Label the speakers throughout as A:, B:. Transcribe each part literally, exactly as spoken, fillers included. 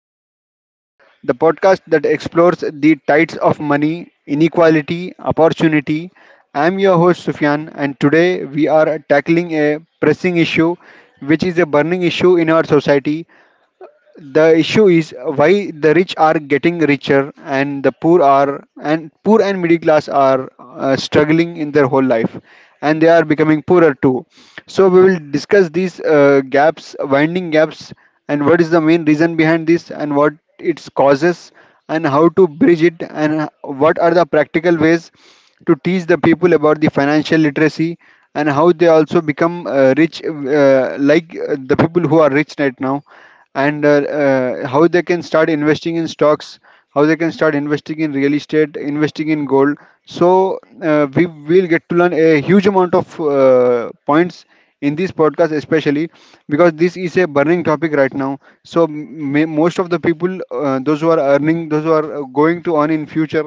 A: Wealth Waves, the podcast that explores the tides of money, inequality, opportunity. I'm your host, Sufyan, and today we are tackling a pressing issue, which is a burning issue in our society. The issue is why the rich are getting richer and the poor are and poor and middle class are uh, struggling in their whole life, and they are becoming poorer too. So we will discuss these uh, gaps, winding gaps, and what is the main reason behind this and what its causes, and how to bridge it, and what are the practical ways to teach the people about the financial literacy, and how they also become uh, rich, uh, like uh, the people who are rich right now, and uh, uh, how they can start investing in stocks, how they can start investing in real estate, investing in gold. So uh, we will get to learn a huge amount of uh, points in this podcast, especially because this is a burning topic right now. So m- most of the people, uh, those who are earning, those who are uh, going to earn in future,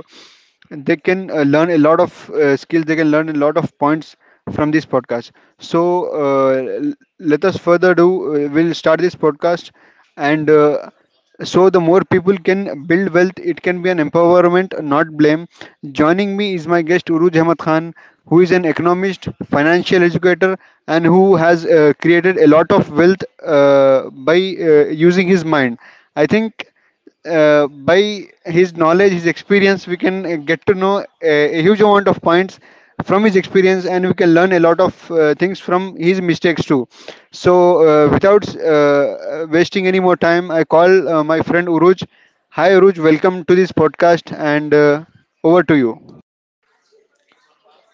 A: and they can uh, learn a lot of uh, skills, they can learn a lot of points from this podcast. So uh, l- let us further do uh, we'll start this podcast. And uh, so the more people can build wealth, it can be an empowerment, not blame. Joining me is my guest Uruj Ahmad Khan, who is an economist, financial educator, and who has uh, created a lot of wealth uh, by uh, using his mind, I think. Uh, by his knowledge, his experience, we can uh, get to know a, a huge amount of points from his experience, and we can learn a lot of uh, things from his mistakes too. So, uh, without uh, wasting any more time, I call uh, my friend Uruj. Hi, Uruj. Welcome to this podcast, and uh, over to you.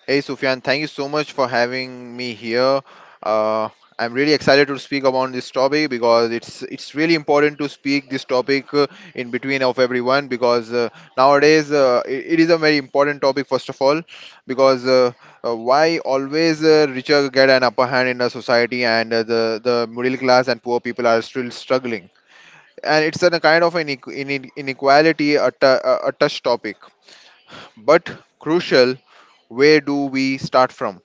B: Hey Sufyan, thank you so much for having me here. Uh, I'm really excited to speak about this topic because it's it's really important to speak this topic, uh, in between of everyone, because uh, nowadays, uh, it, it is a very important topic, first of all, because uh, uh, why always, uh, richer get an upper hand in a society, and uh, the the middle class and poor people are still struggling. And it's a kind of an inequ- ine- inequality, a, t- a a touch topic but crucial. Where do we start from?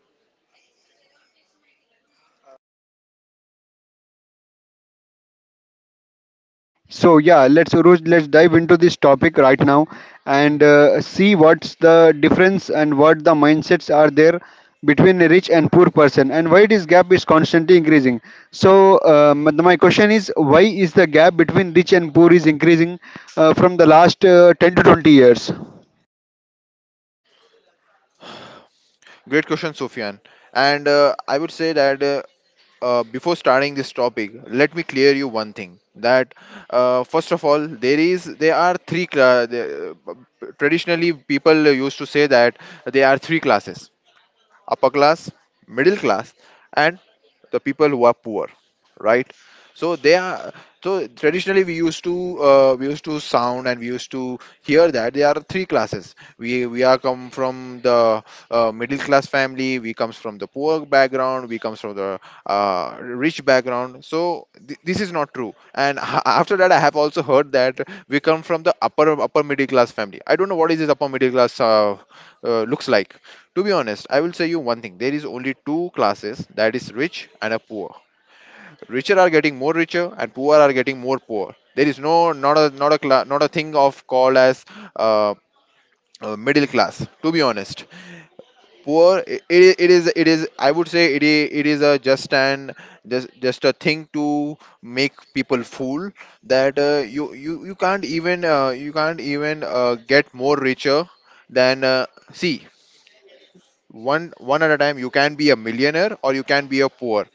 A: So yeah, let's Uruj, let's dive into this topic right now and uh, see what's the difference and what the mindsets are there between a rich and poor person and why this gap is constantly increasing. So um, my question is, why is the gap between rich and poor is increasing uh, from the last uh, ten to twenty years?
B: Great question, Sofyan. And uh, I would say that, uh, uh, before starting this topic, let me clear you one thing. That uh, first of all, there is there are three. Cla- the- uh, traditionally, people used to say that there are three classes: upper class, middle class, and the people who are poor, right? So they are, so traditionally we used to, uh, we used to sound, and we used to hear that there are three classes. We we are come from the uh, middle class family, we comes from the poor background, we comes from the uh, rich background. So th- this is not true. And a- after that I have also heard that we come from the upper upper middle class family. I don't know what is this upper middle class uh, uh, looks like. To be honest, I will say you one thing. There is only two classes, that is rich and a poor. Richer are getting more richer, and poor are getting more poor. There is no, not a not a cla- not a thing of called as uh, uh, middle class. To be honest, poor, it, it is it is, I would say, it is, it is a just an just just a thing to make people fool. That uh, you you you can't even, uh, you can't even, uh, get more richer than, uh, see, one one at a time, you can be a millionaire or you can be a poor.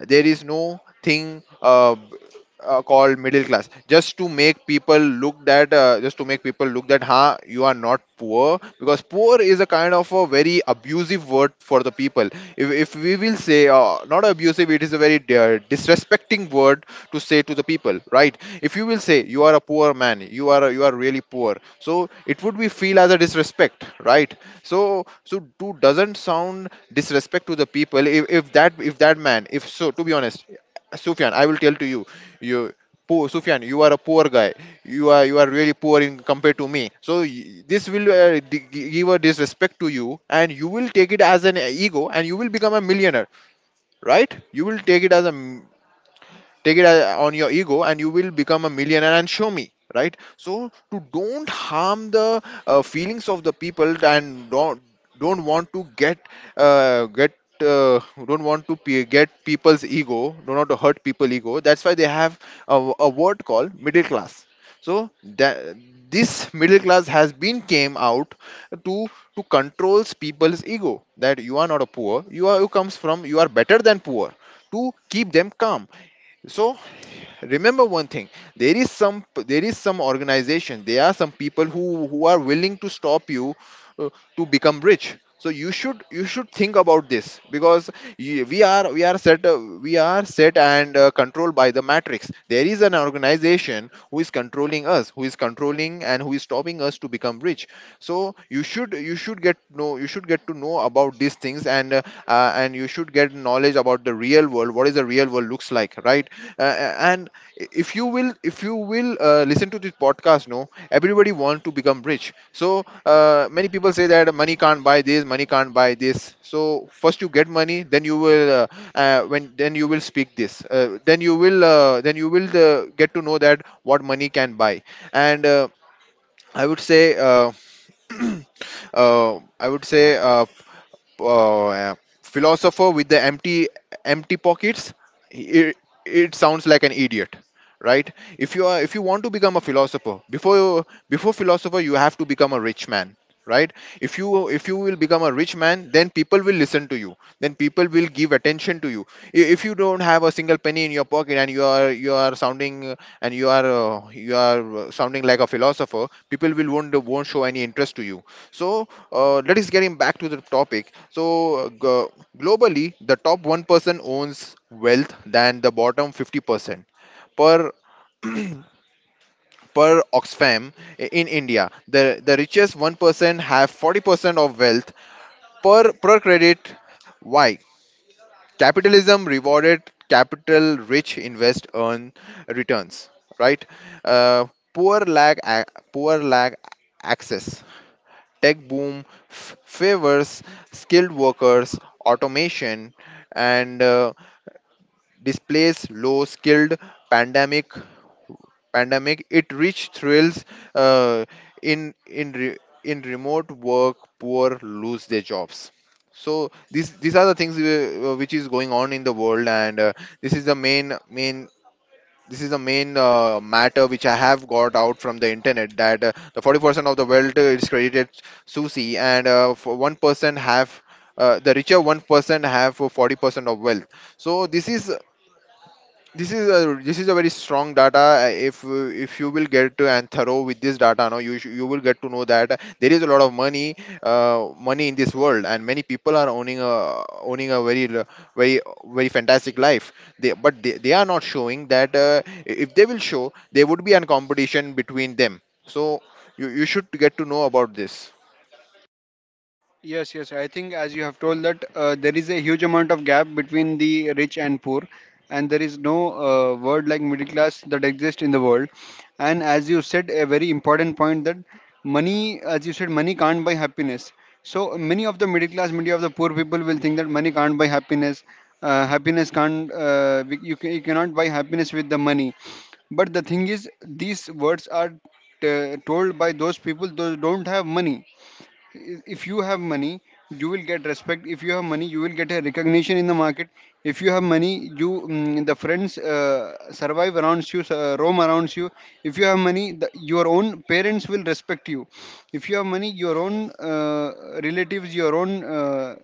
B: There is no thing uh, b- uh, called middle class, just to make people look that, uh, just to make people look that, huh, you are not poor, because poor is a kind of a very abusive word for the people. If, if we will say, uh, not abusive, it is a very uh, disrespecting word to say to the people, right? If you will say you are a poor man, you are you are really poor, so it would be feel as a disrespect, right? So so to doesn't sound disrespect to the people. if, if that if that man if, so to be honest, Sufyan, I will tell to you, you, poor Sufyan, you are a poor guy. You are you are really poor in compared to me. So y- this will, uh, d- gi- give a disrespect to you, and you will take it as an ego, and you will become a millionaire, right? You will take it as a take it a- on your ego, and you will become a millionaire and show me, right? So, to don't harm the uh, feelings of the people, and don't don't want to get, uh, get uh, don't want to pe- get people's ego, don't want to hurt people ego. That's why they have a, a word called middle class. So that, this middle class has been came out to to controls people's ego, that you are not a poor, you are, you comes from, you are better than poor, to keep them calm. So remember one thing. There is some there is some organization, there are some people who who are willing to stop you, uh, to become rich. So you should you should think about this, because y- we are we are set, uh, we are set and uh, controlled by the matrix. There is an organization who is controlling us, who is controlling and who is stopping us to become rich. So you should you should get know you should get to know about these things, and uh, uh, and you should get knowledge about the real world, what is the real world looks like, right? Uh, uh, and if you will, if you will uh, listen to this podcast, no, everybody want to become rich. So uh, many people say that money can't buy this, money can't buy this. So first you get money, then you will, uh, uh, when then you will speak this, uh, then you will uh, then you will uh, get to know that what money can buy. And uh, I would say, uh, uh, I would say uh, uh, philosopher with the empty empty pockets, it, it sounds like an idiot, right? If you are if you want to become a philosopher, before you, before philosopher, you have to become a rich man, right? If you if you will become a rich man, then people will listen to you, then people will give attention to you. I- if you don't have a single penny in your pocket, and you are you are sounding, uh, and you are, uh, you are uh, sounding like a philosopher, people will won't won't show any interest to you. So uh, let us getting back to the topic. So uh, g- globally, the top one person owns wealth than the bottom fifty percent, per per Oxfam. I- in India. The the richest one person have forty percent of wealth, per per credit. Why? Capitalism rewarded capital, rich invest earn returns, right? Uh, poor lag a- poor lag access. Tech boom f- favors skilled workers, automation, and uh, displays low skilled pandemic. Pandemic it rich thrills, uh, in in re- in remote work. Poor lose their jobs. So these these are the things, uh, which is going on in the world, and uh, this is the main main this is the main uh, matter which I have got out from the internet. That uh, the forty percent of the wealth, uh, is credited Susi, and uh, for one percent have, uh, the richer one percent have uh, forty percent of wealth. So this is this is a this is a very strong data. Uh, if uh, if you will get, uh, and thorough with this data, now you sh- you will get to know that there is a lot of money, uh, money in this world, and many people are owning a owning a very l- very very fantastic life. They, but they, they are not showing that. Uh, if they will show, there would be an competition between them. So you, you should get to know about this.
A: Yes, yes. I think as you have told that uh, there is a huge amount of gap between the rich and poor, and there is no uh, word like middle class that exists in the world. And as you said, a very important point that money, as you said, money can't buy happiness. So many of the middle class, many of the poor people will think that money can't buy happiness. Uh, happiness can't. Uh, we- you, ca- you cannot buy happiness with the money. But the thing is, these words are t- told by those people who don't have money. If you have money, you will get respect. If you have money, you will get a recognition in the market. If you have money, you mm, the friends uh, survive around you, uh, roam around you. If you have money, the, your own parents will respect you. If you have money, your own uh, relatives, your own uh,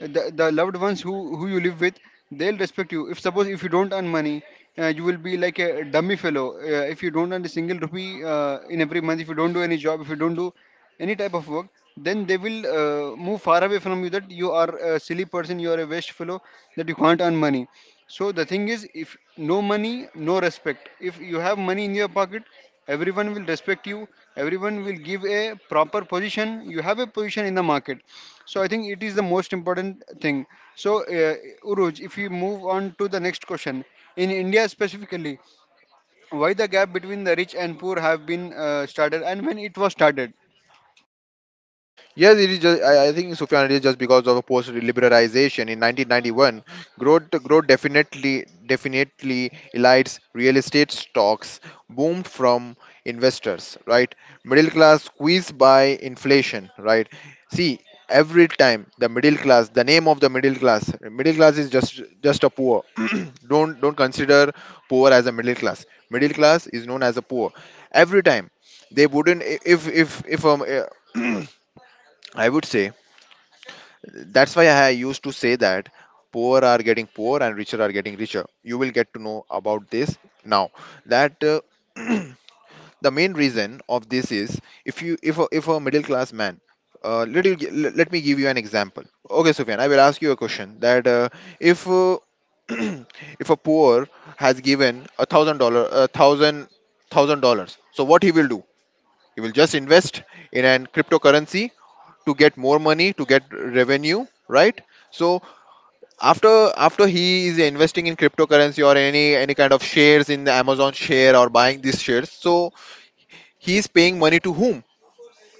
A: the, the loved ones who who you live with, they'll respect you. If suppose if you don't earn money, uh, you will be like a dummy fellow. Uh, if you don't earn a single rupee uh, in every month, if you don't do any job, if you don't do any type of work, then they will uh, move far away from you, that you are a silly person, you are a waste fellow, that you can't earn money. So the thing is, if no money, no respect. If you have money in your pocket, everyone will respect you. Everyone will give a proper position. You have a position in the market. So I think it is the most important thing. So uh, Uruj, if you move on to the next question, in India specifically, why the gap between the rich and poor have been uh, started, and when it was started?
B: Yes, it is just, I, I think Sufyan, it is just because of post liberalization in nineteen ninety-one. Growth, growth definitely, definitely elites real estate stocks boomed from investors, right? Middle class squeezed by inflation, right? See, every time the middle class, the name of the middle class, middle class is just just a poor. don't don't consider poor as a middle class. Middle class is known as a poor. Every time they wouldn't if if if um. I would say, that's why I used to say that poor are getting poor and richer are getting richer. You will get to know about this now. That uh, the main reason of this is, if you if a, if a middle class man. Uh, let, you, gi- let let me give you an example. Okay, Sufyan, I will ask you a question. That uh, if uh, if a poor has given a thousand dollar a thousand thousand dollars, so what he will do? He will just invest in an cryptocurrency to get more money, to get revenue, right? So, after after he is investing in cryptocurrency, or any any kind of shares in the Amazon share, or buying these shares, so he is paying money to whom?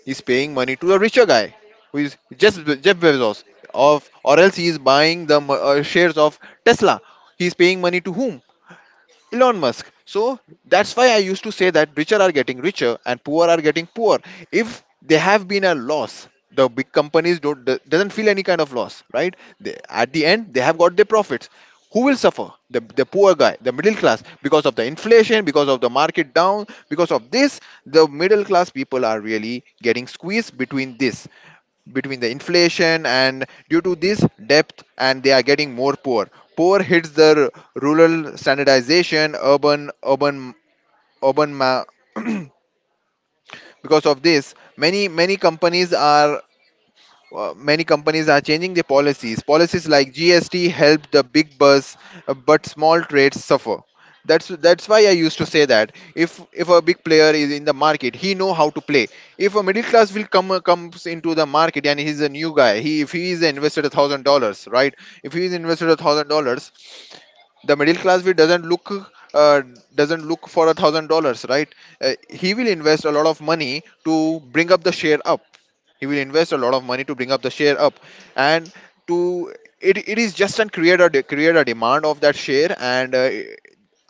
B: He's paying money to a richer guy, who is just Jeff Bezos. Of, or else, he is buying the mo- uh, shares of Tesla. He's paying money to whom? Elon Musk. So that's why I used to say that richer are getting richer and poor are getting poor. If they have been a loss, the big companies don't do- doesn't feel any kind of loss, right? They, at the end, they have got their profits. Who will suffer? The, the poor guy, the middle class, because of the inflation, because of the market down, because of this, the middle class people are really getting squeezed between this, between the inflation, and due to this depth, and they are getting more poor. Poor hits the r- rural standardization urban, urban urban ma- because of this, many many companies are uh, many companies are changing their policies. Policies like G S T help the big bus, uh, but small trades suffer. That's that's why I used to say that if if a big player is in the market, he know how to play. If a middle class will come comes into the market and he's a new guy, he if he is invested a thousand dollars, right? If he is invested a thousand dollars, the middle class will doesn't look, uh, doesn't look for a thousand dollars, right. Uh, he will invest a lot of money to bring up the share up. He will invest a lot of money to bring up the share up, and to it, it is just and create a de- create a demand of that share. And uh,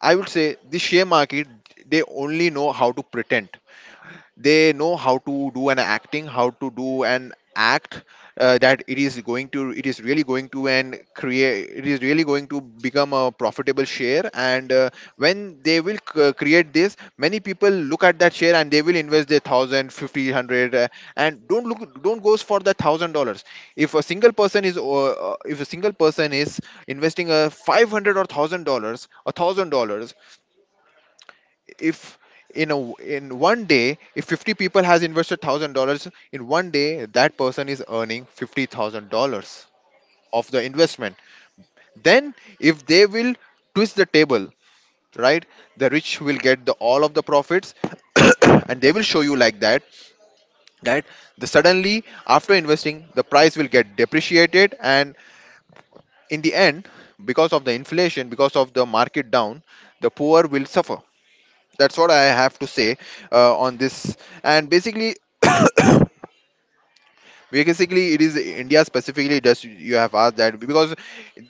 B: I would say the share market, they only know how to pretend. They know how to do an acting, how to do an act. Uh, that it is going to it is really going to and create it is really going to become a profitable share. And uh, when they will c- create this, many people look at that share and they will invest their thousand fifty hundred. Uh, and don't look, don't goes for the thousand dollars. If a single person is uh, uh, if a single person is investing a five hundred or thousand dollars, a thousand dollars. If in a in one day, if fifty people has invested one thousand dollars in one day, that person is earning fifty thousand dollars of the investment. Then, if they will twist the table, right? The rich will get the all of the profits. And they will show you like that, that the suddenly after investing, the price will get depreciated, and in the end, because of the inflation, because of the market down, the poor will suffer. That's what I have to say, uh, on this. And basically, basically, it is India specifically, just you have asked that, because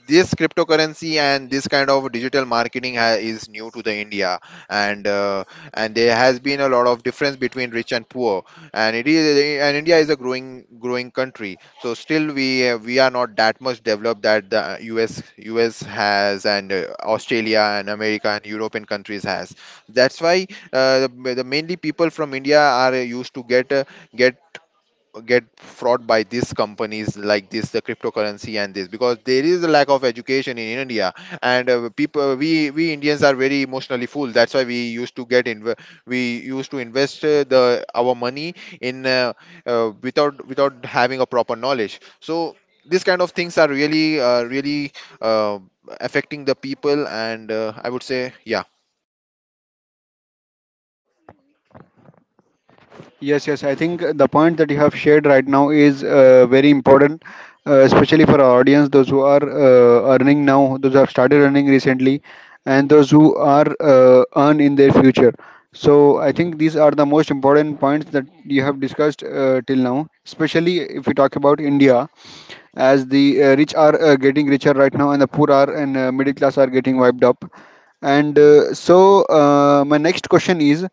B: this cryptocurrency and this kind of digital marketing ha- is new to the India, and uh, and there has been a lot of difference between rich and poor. And it is and India is a growing growing country, so still we uh, we are not that much developed that the U S U S has, and uh, Australia and America and European countries has. That's why, uh, the, the mainly people from India are uh, used to get uh, get get fraud by these companies like this, the cryptocurrency and this, because there is a lack of education in India. And uh, People, uh, we we Indians are very emotionally full. That's why we used to get in we used to invest, uh, the our money in uh, uh, without without having a proper knowledge. So these kind of things are really, uh, really uh, affecting the people. And uh, I would say, yeah.
A: Yes, yes. I think uh, the point that you have shared right now is uh, very important, uh, especially for our audience, those who are uh, earning now, those who have started earning recently, and those who are uh, earn in their future. So I think these are the most important points that you have discussed uh, till now, especially if we talk about India, as the uh, rich are uh, getting richer right now, and the poor are and uh, middle class are getting wiped up. And uh, so uh, my next question is,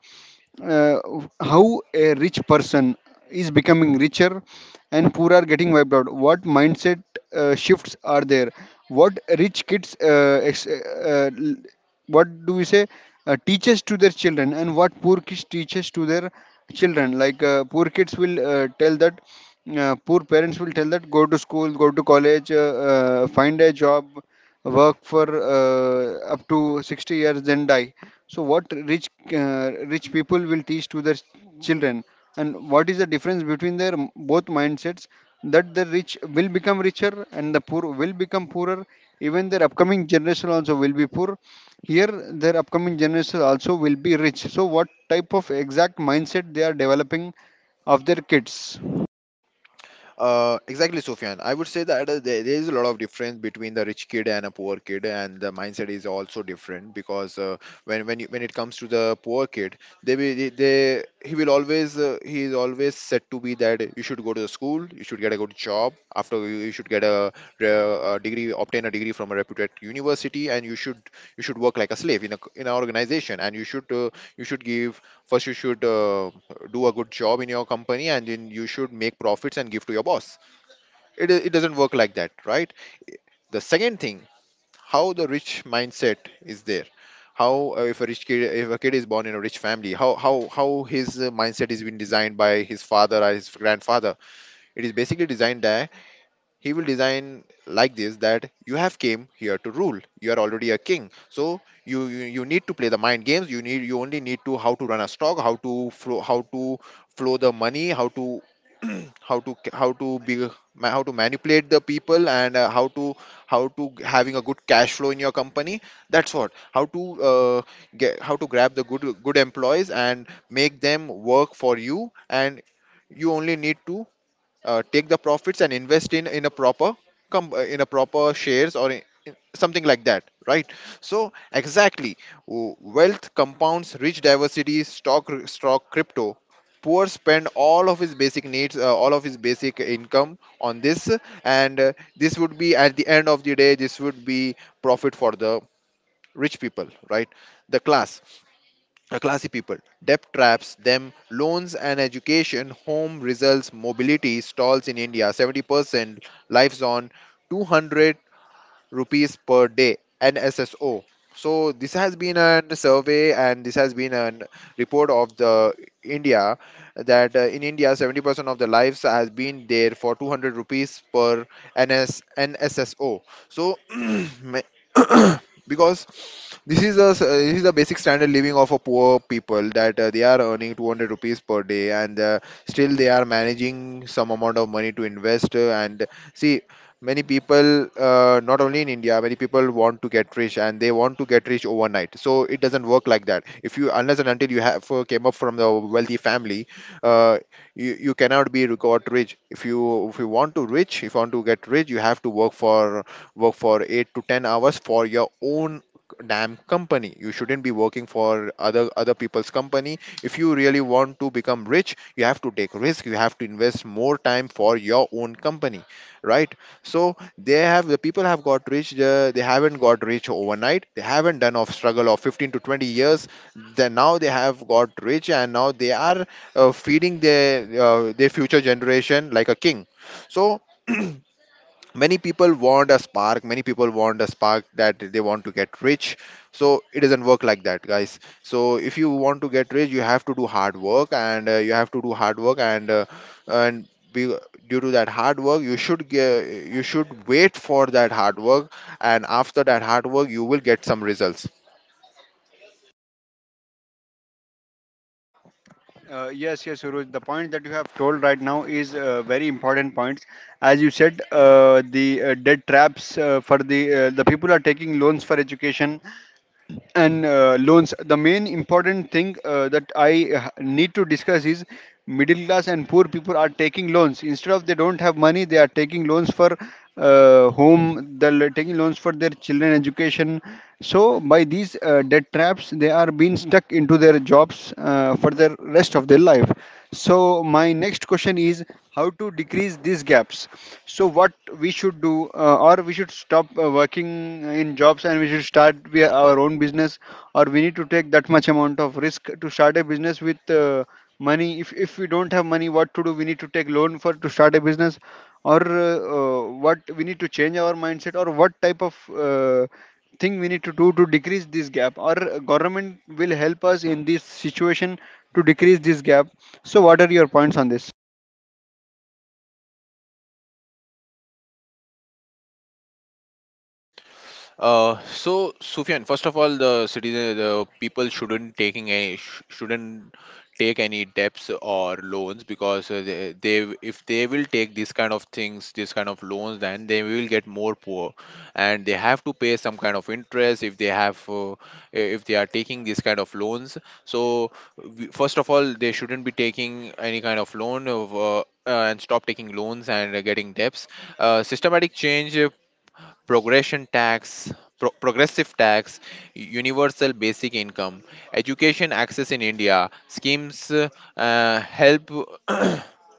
A: uh, how a rich person is becoming richer and poor are getting wiped out? What mindset uh, shifts are there? What rich kids uh, ex- uh, l- what do we say uh, teaches to their children, and what poor kids teaches to their children? Like uh, poor kids will uh, tell that, uh, poor parents will tell that, go to school, go to college, uh, uh, find a job, work for uh, up to sixty years, then die. So what rich uh, rich people will teach to their children, and what is the difference between their m- both mindsets, that the rich will become richer and the poor will become poorer, even their upcoming generation also will be poor here, their upcoming generation also will be rich? So what type of exact mindset they are developing of their kids?
B: Uh, exactly, Sufyan. I would say that uh, there there is a lot of difference between the rich kid and a poor kid, and the mindset is also different, because uh, when when you, when it comes to the poor kid, they will they they- he will always uh, he is always set to be that you should go to the school, you should get a good job. After you, you should get a, uh, a degree, obtain a degree from a reputed university, and you should you should work like a slave in a c- in an organization, and you should uh, you should give. First, you should uh, do a good job in your company, and then you should make profits and give to your boss. It it doesn't work like that, right? The second thing: how the rich mindset is there. How, uh, if a rich kid if a kid is born in a rich family, how how how his uh, mindset is been designed by his father or his grandfather. It is basically designed. He will design like this, that you have came here to rule, you are already a king. So you you, you need to play the mind games, you need you only need to how to run a stock, how to flow how to flow the money, how to how to how to be ma- how to manipulate the people, and uh, how to how to g- having a good cash flow in your company. That's what. how to uh, get how to grab the good good employees and make them work for you. And you only need to uh, take the profits and invest in in a proper com- uh, in a proper shares or in, in something like that, right? So, exactly, w- wealth compounds, rich diversity, stock, r- stock, crypto. Poor spend all of his basic needs uh, all of his basic income on this. And uh, this would be at the end of the day, this would be profit for the rich people, right, the class uh, classy people. Debt traps them. Loans and education, home results, mobility stalls in India. seventy percent lives on rupees per day, N S S O. So this has been a survey and this has been a report of the India, that uh, in India, seventy percent of the lives has been there for two hundred rupees per N S N S S O. So, ma- because this is the this is the basic standard living of a poor people, that uh, they are earning two hundred rupees per day. And uh, still they are managing some amount of money to invest, uh, and see, many people, uh, not only in India, many people want to get rich, and they want to get rich overnight. So it doesn't work like that. If you Unless and until you have uh, came up from the wealthy family, uh, you, you cannot be got rich. If you if you want to rich if you want to get rich, you have to work for work for eight to ten hours for your own damn company. You shouldn't be working for other other people's company. If you really want to become rich, you have to take risk, you have to invest more time for your own company, right? So they have the people have got rich. Uh, they haven't got rich overnight, they haven't done of struggle of fifteen to twenty years. Then now they have got rich, and now they are uh, feeding their uh, their future generation like a king. So, many people want a spark many people want a spark, that they want to get rich. So it doesn't work like that, guys. So if you want to get rich, you have to do hard work, and uh, you have to do hard work and uh, and be, due to that hard work, you should ge- you should wait for that hard work, and after that hard work, you will get some results.
A: Uh, yes, yes, Suraj. The point that you have told right now is uh, very important points. As you said, uh, the uh, debt traps uh, for the uh, the people are taking loans for education and uh, loans. The main important thing uh, that I uh, need to discuss is middle class and poor people are taking loans instead of they don't have money. They are taking loans for uh, home. They're taking loans for their children education. So by these uh, debt traps, they are being stuck into their jobs uh, for the rest of their of their life. So my next question is, how to decrease these gaps. So what we should do, uh, or we should stop uh, working in jobs and we should start we, our own business, or we need to take that much amount of risk to start a business with uh, money. If if we don't have money, what to do? We need to take loan for to start a business, or uh, uh, what we need to change our mindset, or what type of uh, thing we need to do to decrease this gap, or government will help us in this situation to decrease this gap? So what are your points on this?
B: Uh, so, Sufyan, first of all, the citizen, the people shouldn't taking any sh- shouldn't take any debts or loans, because uh, they, they if they will take this kind of things, this kind of loans, then they will get more poor, and they have to pay some kind of interest if they have uh, if they are taking this kind of loans. So, we- first of all, they shouldn't be taking any kind of loan of. Uh, uh, and stop taking loans, and uh, getting debts. Uh, systematic change, progression tax, pro- progressive tax, universal basic income, education access in India, schemes, uh, uh, help.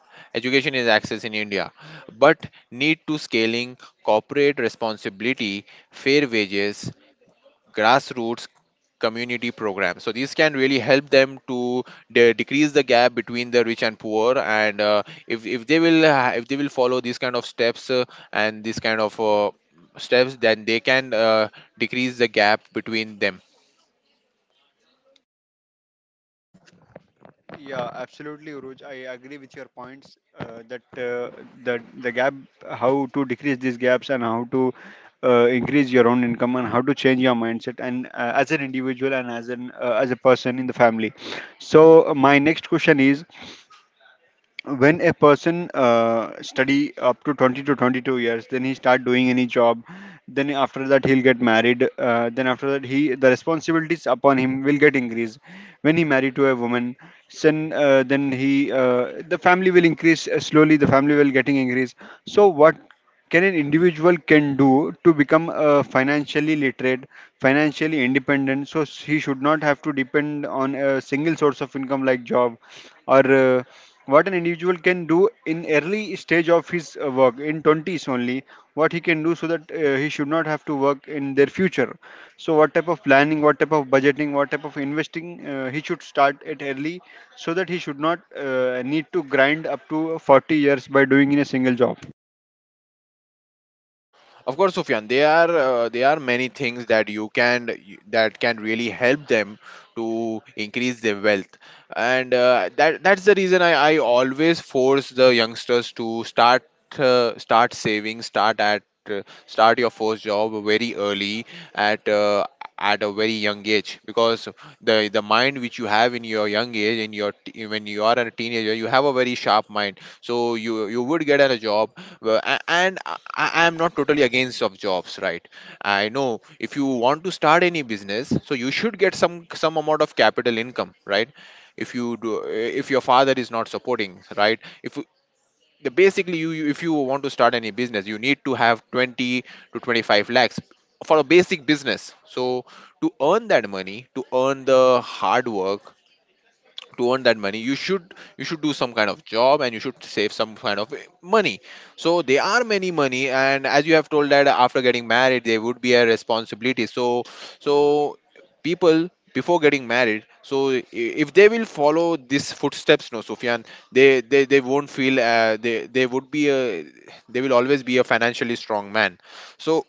B: Education is access in India, but need to scaling, corporate responsibility, fair wages, grassroots community programs. So these can really help them to de- decrease the gap between the rich and poor. And uh, if if they will uh, if they will follow these kind of steps, uh, and these kind of uh, steps, then they can uh, decrease the gap between them.
A: Yeah, absolutely, Uruj. I agree with your points uh, that uh, that the gap, how to decrease these gaps and how to uh, increase your own income and how to change your mindset and uh, as an individual and as an uh, as a person in the family. So uh, my next question is, when a person uh, study up to twenty to twenty-two years, then he start doing any job, then after that he'll get married, uh, then after that he the responsibilities upon him will get increased when he married to a woman, then uh, then he uh, the family will increase, uh, slowly the family will getting increased. So what can an individual can do to become uh, financially literate, financially independent, so s- he should not have to depend on a single source of income like job, or uh, what an individual can do in early stage of his uh, work in twenties only, what he can do so that uh, he should not have to work in their future? So what type of planning, what type of budgeting, what type of investing uh, he should start at early, so that he should not uh, need to grind up to forty years by doing in a single job?
B: Of course, Sufyan, there are uh, there are many things that you can that can really help them to increase their wealth, and uh, that that's the reason I, I always force the youngsters to start uh, start saving, start at uh, start your first job very early at uh, at a very young age, because the the mind which you have in your young age, in your t- when you are a teenager, you have a very sharp mind. So you you would get a job. Well, a- and I I am not totally against of jobs, right? I know if you want to start any business, so you should get some some amount of capital income, right? If you do, eh, if your father is not supporting, right? If you- the basically you you- If you want to start any business, you need to have twenty to twenty-five lakhs for a basic business. So to earn that money, to earn the hard work, to earn that money you should you should do some kind of job and you should save some kind of eh, money. So there are many money, and as you have told that after getting married there would be a responsibility, so so people before getting married, so i- if they will follow these footsteps, no Sufyan, they they, they won't feel uh, they they would be a they will always be a financially strong man. So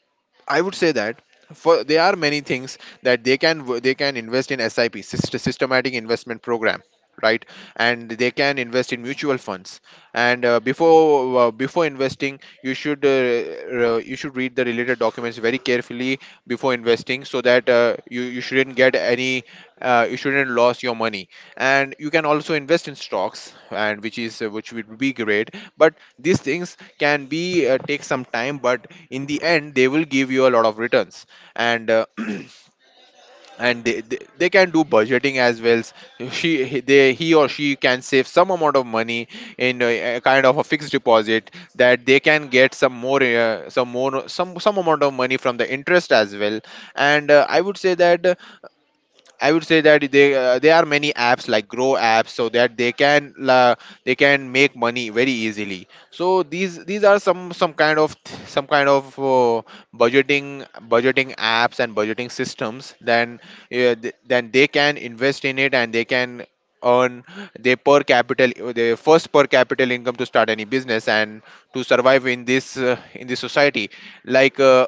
B: I would say that, for there are many things that they can w- they can invest in S I P, syst- systematic investment program, right, and they can invest in mutual funds. And uh, before uh, before investing, you should uh, uh, you should read the related documents very carefully before investing, so that uh, you you shouldn't get any uh, you shouldn't lose your money. And you can also invest in stocks, and which is uh, which would be great, but these things can be uh, take some time, but in the end they will give you a lot of returns. And uh, and they, they they can do budgeting as well. She he- they he or she can save some amount of money in a, a kind of a fixed deposit, that they can get some more uh, some more some some amount of money from the interest as well. And uh, i would say that I would say that they uh, there are many apps like grow apps, so that they can uh, they can make money very easily. So these these are some some kind of some kind of uh, budgeting budgeting apps and budgeting systems. Then uh, th- then they can invest in it, and they can earn their per capital, their first per capital income, to start any business and to survive in this uh, in this society, like uh,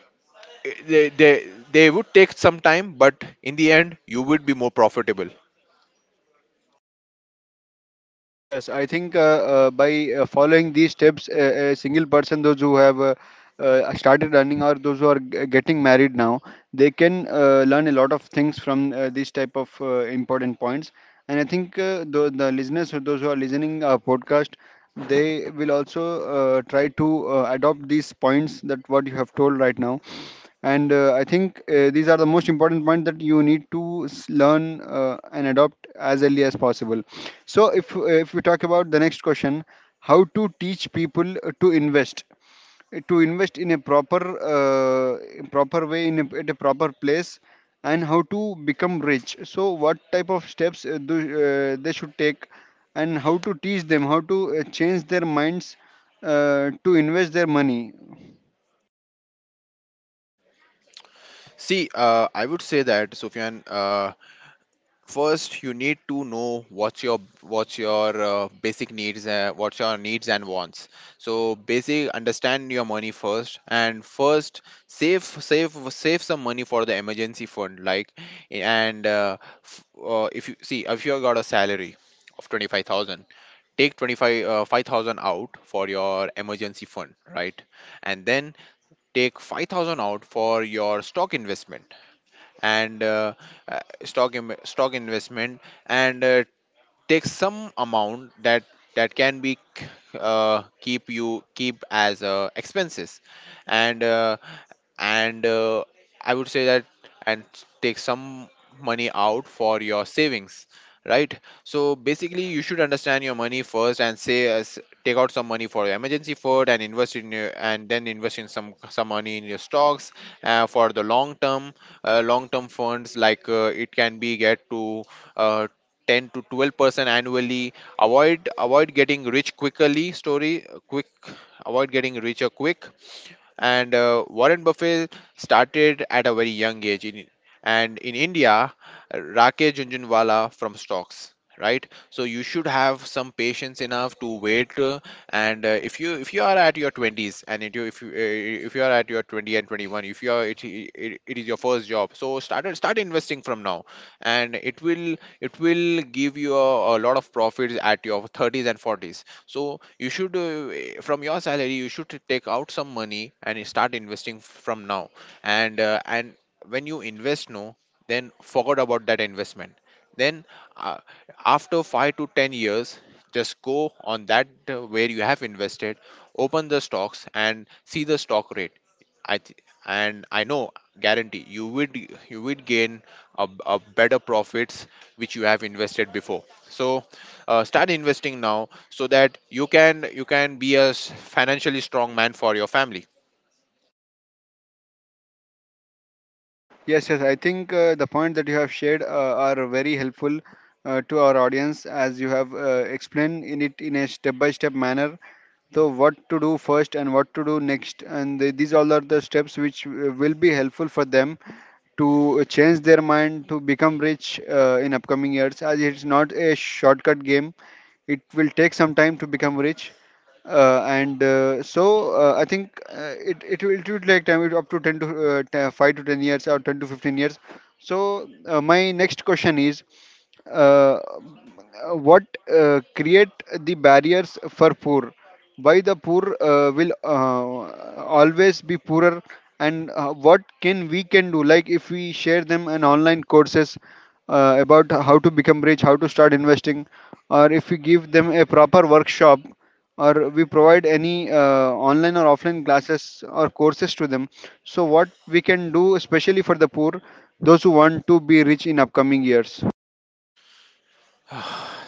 B: they, they they would take some time, but in the end you would be more profitable.
A: Yes, I think uh, uh, by uh, following these steps, a, a single person, those who have uh, uh, started running, or those who are g- getting married now, they can uh, learn a lot of things from uh, these type of uh, important points. And I think uh, the, the listeners, or those who are listening our podcast, they will also uh, try to uh, adopt these points that what you have told right now. And uh, I think uh, these are the most important point that you need to s- learn uh, and adopt as early as possible. So if uh, if we talk about the next question, how to teach people uh, to invest, uh, to invest in a proper uh, in proper way in a, at a proper place, and how to become rich. So what type of steps uh, do uh, they should take, and how to teach them how to uh, change their minds uh, to invest their money?
B: See uh, I would say that, Sufyan, uh, first you need to know what's your what's your uh, basic needs, uh, what's your needs and wants. So basic, understand your money first, and first save, save save some money for the emergency fund, like. And uh, f- uh, if you see, if you got a salary of twenty-five thousand, take twenty-five uh, five thousand out for your emergency fund, right. And then take five thousand out for your stock investment. And uh, uh, stock Im- stock investment. And uh, take some amount that that can be k- uh, keep you keep as uh, expenses. And uh, and uh, I would say that and take some money out for your savings, right. So basically, you should understand your money first, and say as, take out some money for your emergency fund, and invest in your, and then invest in some some money in your stocks uh, for the long term, uh, long term funds, like uh, it can be get to uh, ten to twelve percent annually. Avoid avoid getting rich quickly story quick, avoid getting richer quick. And uh, Warren Buffett started at a very young age in, and in India, Rakesh Junjunwala from stocks, right. So you should have some patience enough to wait, uh, and uh, if you if you are at your twenties, and it, you- if you uh, if you are at your 20 and twenty-one, if you are it, it, it is your first job, so start start investing from now. And it will it will give you a, a lot of profits at your thirties and forties. So you should uh, from your salary you should take out some money and start investing from now. And uh, and when you invest now, then forget about that investment. Then uh, after five to ten years, just go on that uh, where you have invested, open the stocks and see the stock rate. I th- and I know, guarantee, you would, you would gain a, a better profits which you have invested before. So uh, start investing now, so that you can you can be a s- financially strong man for your family.
A: Yes, yes. I think uh, the point that you have shared uh, are very helpful uh, to our audience, as you have uh, explained in it in a step-by-step manner. So, what to do first and what to do next, and the, these all are the steps which uh, will be helpful for them to change their mind to become rich uh, in upcoming years, as it's not a shortcut game. It will take some time to become rich, uh, and uh, so uh, I think uh, it, it will it will take time, it up to ten to uh, t- five to ten years or ten to fifteen years. So uh, my next question is, uh, what uh, create the barriers for poor, why the poor uh, will uh, always be poorer? And uh, what can we can do, like if we share them an online courses uh, about how to become rich, how to start investing, or if we give them a proper workshop, or we provide any uh, online or offline classes or courses to them? So what we can do especially for the poor, those who want to be rich in upcoming years?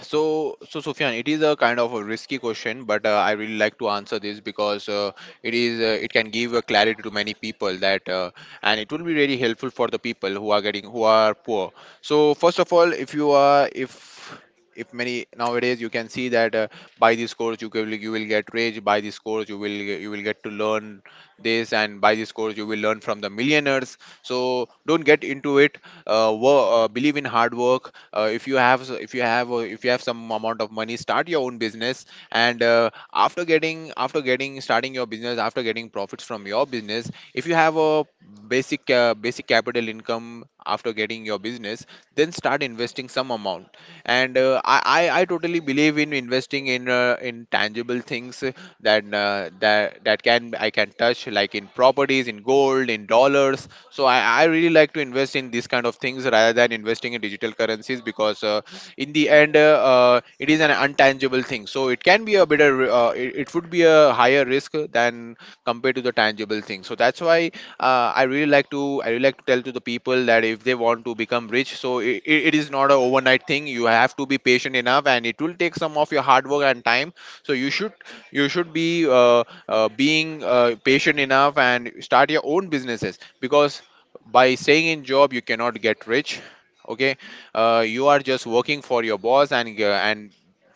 B: So, so Sufyan, it is a kind of a risky question, but uh, I really like to answer this, because uh, it is uh, it can give a clarity to many people, that uh, and it will be really helpful for the people who are getting, who are poor. So, first of all, if you are if if many nowadays, you can see that uh, by this course you will, you will get rich, by this course you will, you will get to learn this, and by this course you will learn from the millionaires, so don't get into it. Uh, wo- uh, believe in hard work. Uh, if you have if you have uh, if you have some amount of money, start your own business. And uh, after getting after getting starting your business, after getting profits from your business, if you have a basic, uh, basic capital income after getting your business, then start investing some amount. And uh, I, I i totally believe in investing in uh, in tangible things, uh, that uh, that that can, I can touch, like in properties, in gold, in dollars. So I, I really like to invest in these kind of things rather than investing in digital currencies, because uh, in the end uh, uh, it is an untangible thing, so it can be a better uh, it, it would be a higher risk than compared to the tangible thing. So that's why uh, i really like to I really like to tell to the people that if they want to become rich, so it, it is not a overnight thing, you have to be patient enough, and it will take some of your hard work and time. So you should, you should be uh, uh, being uh, patient enough and start your own businesses, because by staying in job you cannot get rich. Okay, uh, you are just working for your boss, and g- and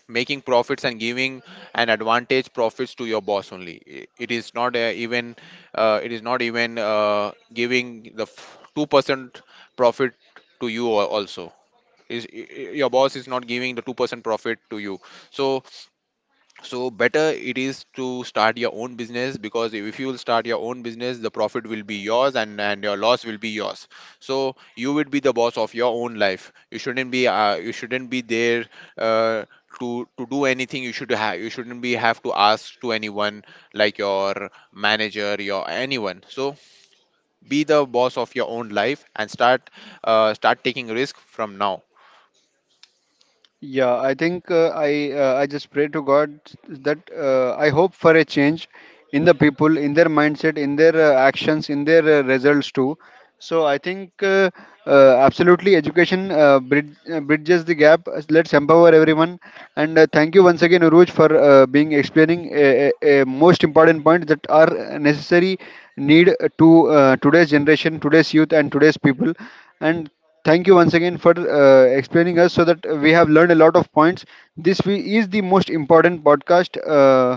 B: making profits and giving an advantage profits to your boss only. I- it is not uh, even uh, it is not even uh, giving the f- two percent profit to you al- also, is i- i- your boss is not giving the two percent profit to you. So so better it is to start your own business, because if you will start your own business, the profit will be yours, and, and your loss will be yours. So you would be the boss of your own life. You shouldn't be uh, you shouldn't be there uh, to to do anything, you should have, you shouldn't be have to ask to anyone, like your manager, your anyone. So be the boss of your own life and start uh, start taking risk from now.
A: Yeah, I think uh, I uh, I just pray to God that uh, I hope for a change in the people, in their mindset, in their uh, actions, in their uh, results too. So I think uh, uh, absolutely education uh, brid- uh, bridges the gap. Uh, Let's empower everyone. And uh, thank you once again, Uruj, for uh, being explaining a, a, a most important point that are necessary need to uh, today's generation, today's youth, and today's people. And thank you once again for uh, explaining us so that we have learned a lot of points. This we, is the most important podcast uh,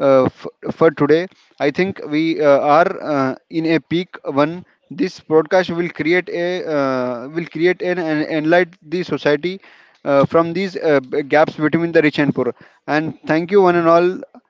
A: uh, f- for today. I think we uh, are uh, in a peak one. This broadcast will create a uh, will create and an, enlight the society uh, from these uh, b- gaps between the rich and poor. And thank you one and all.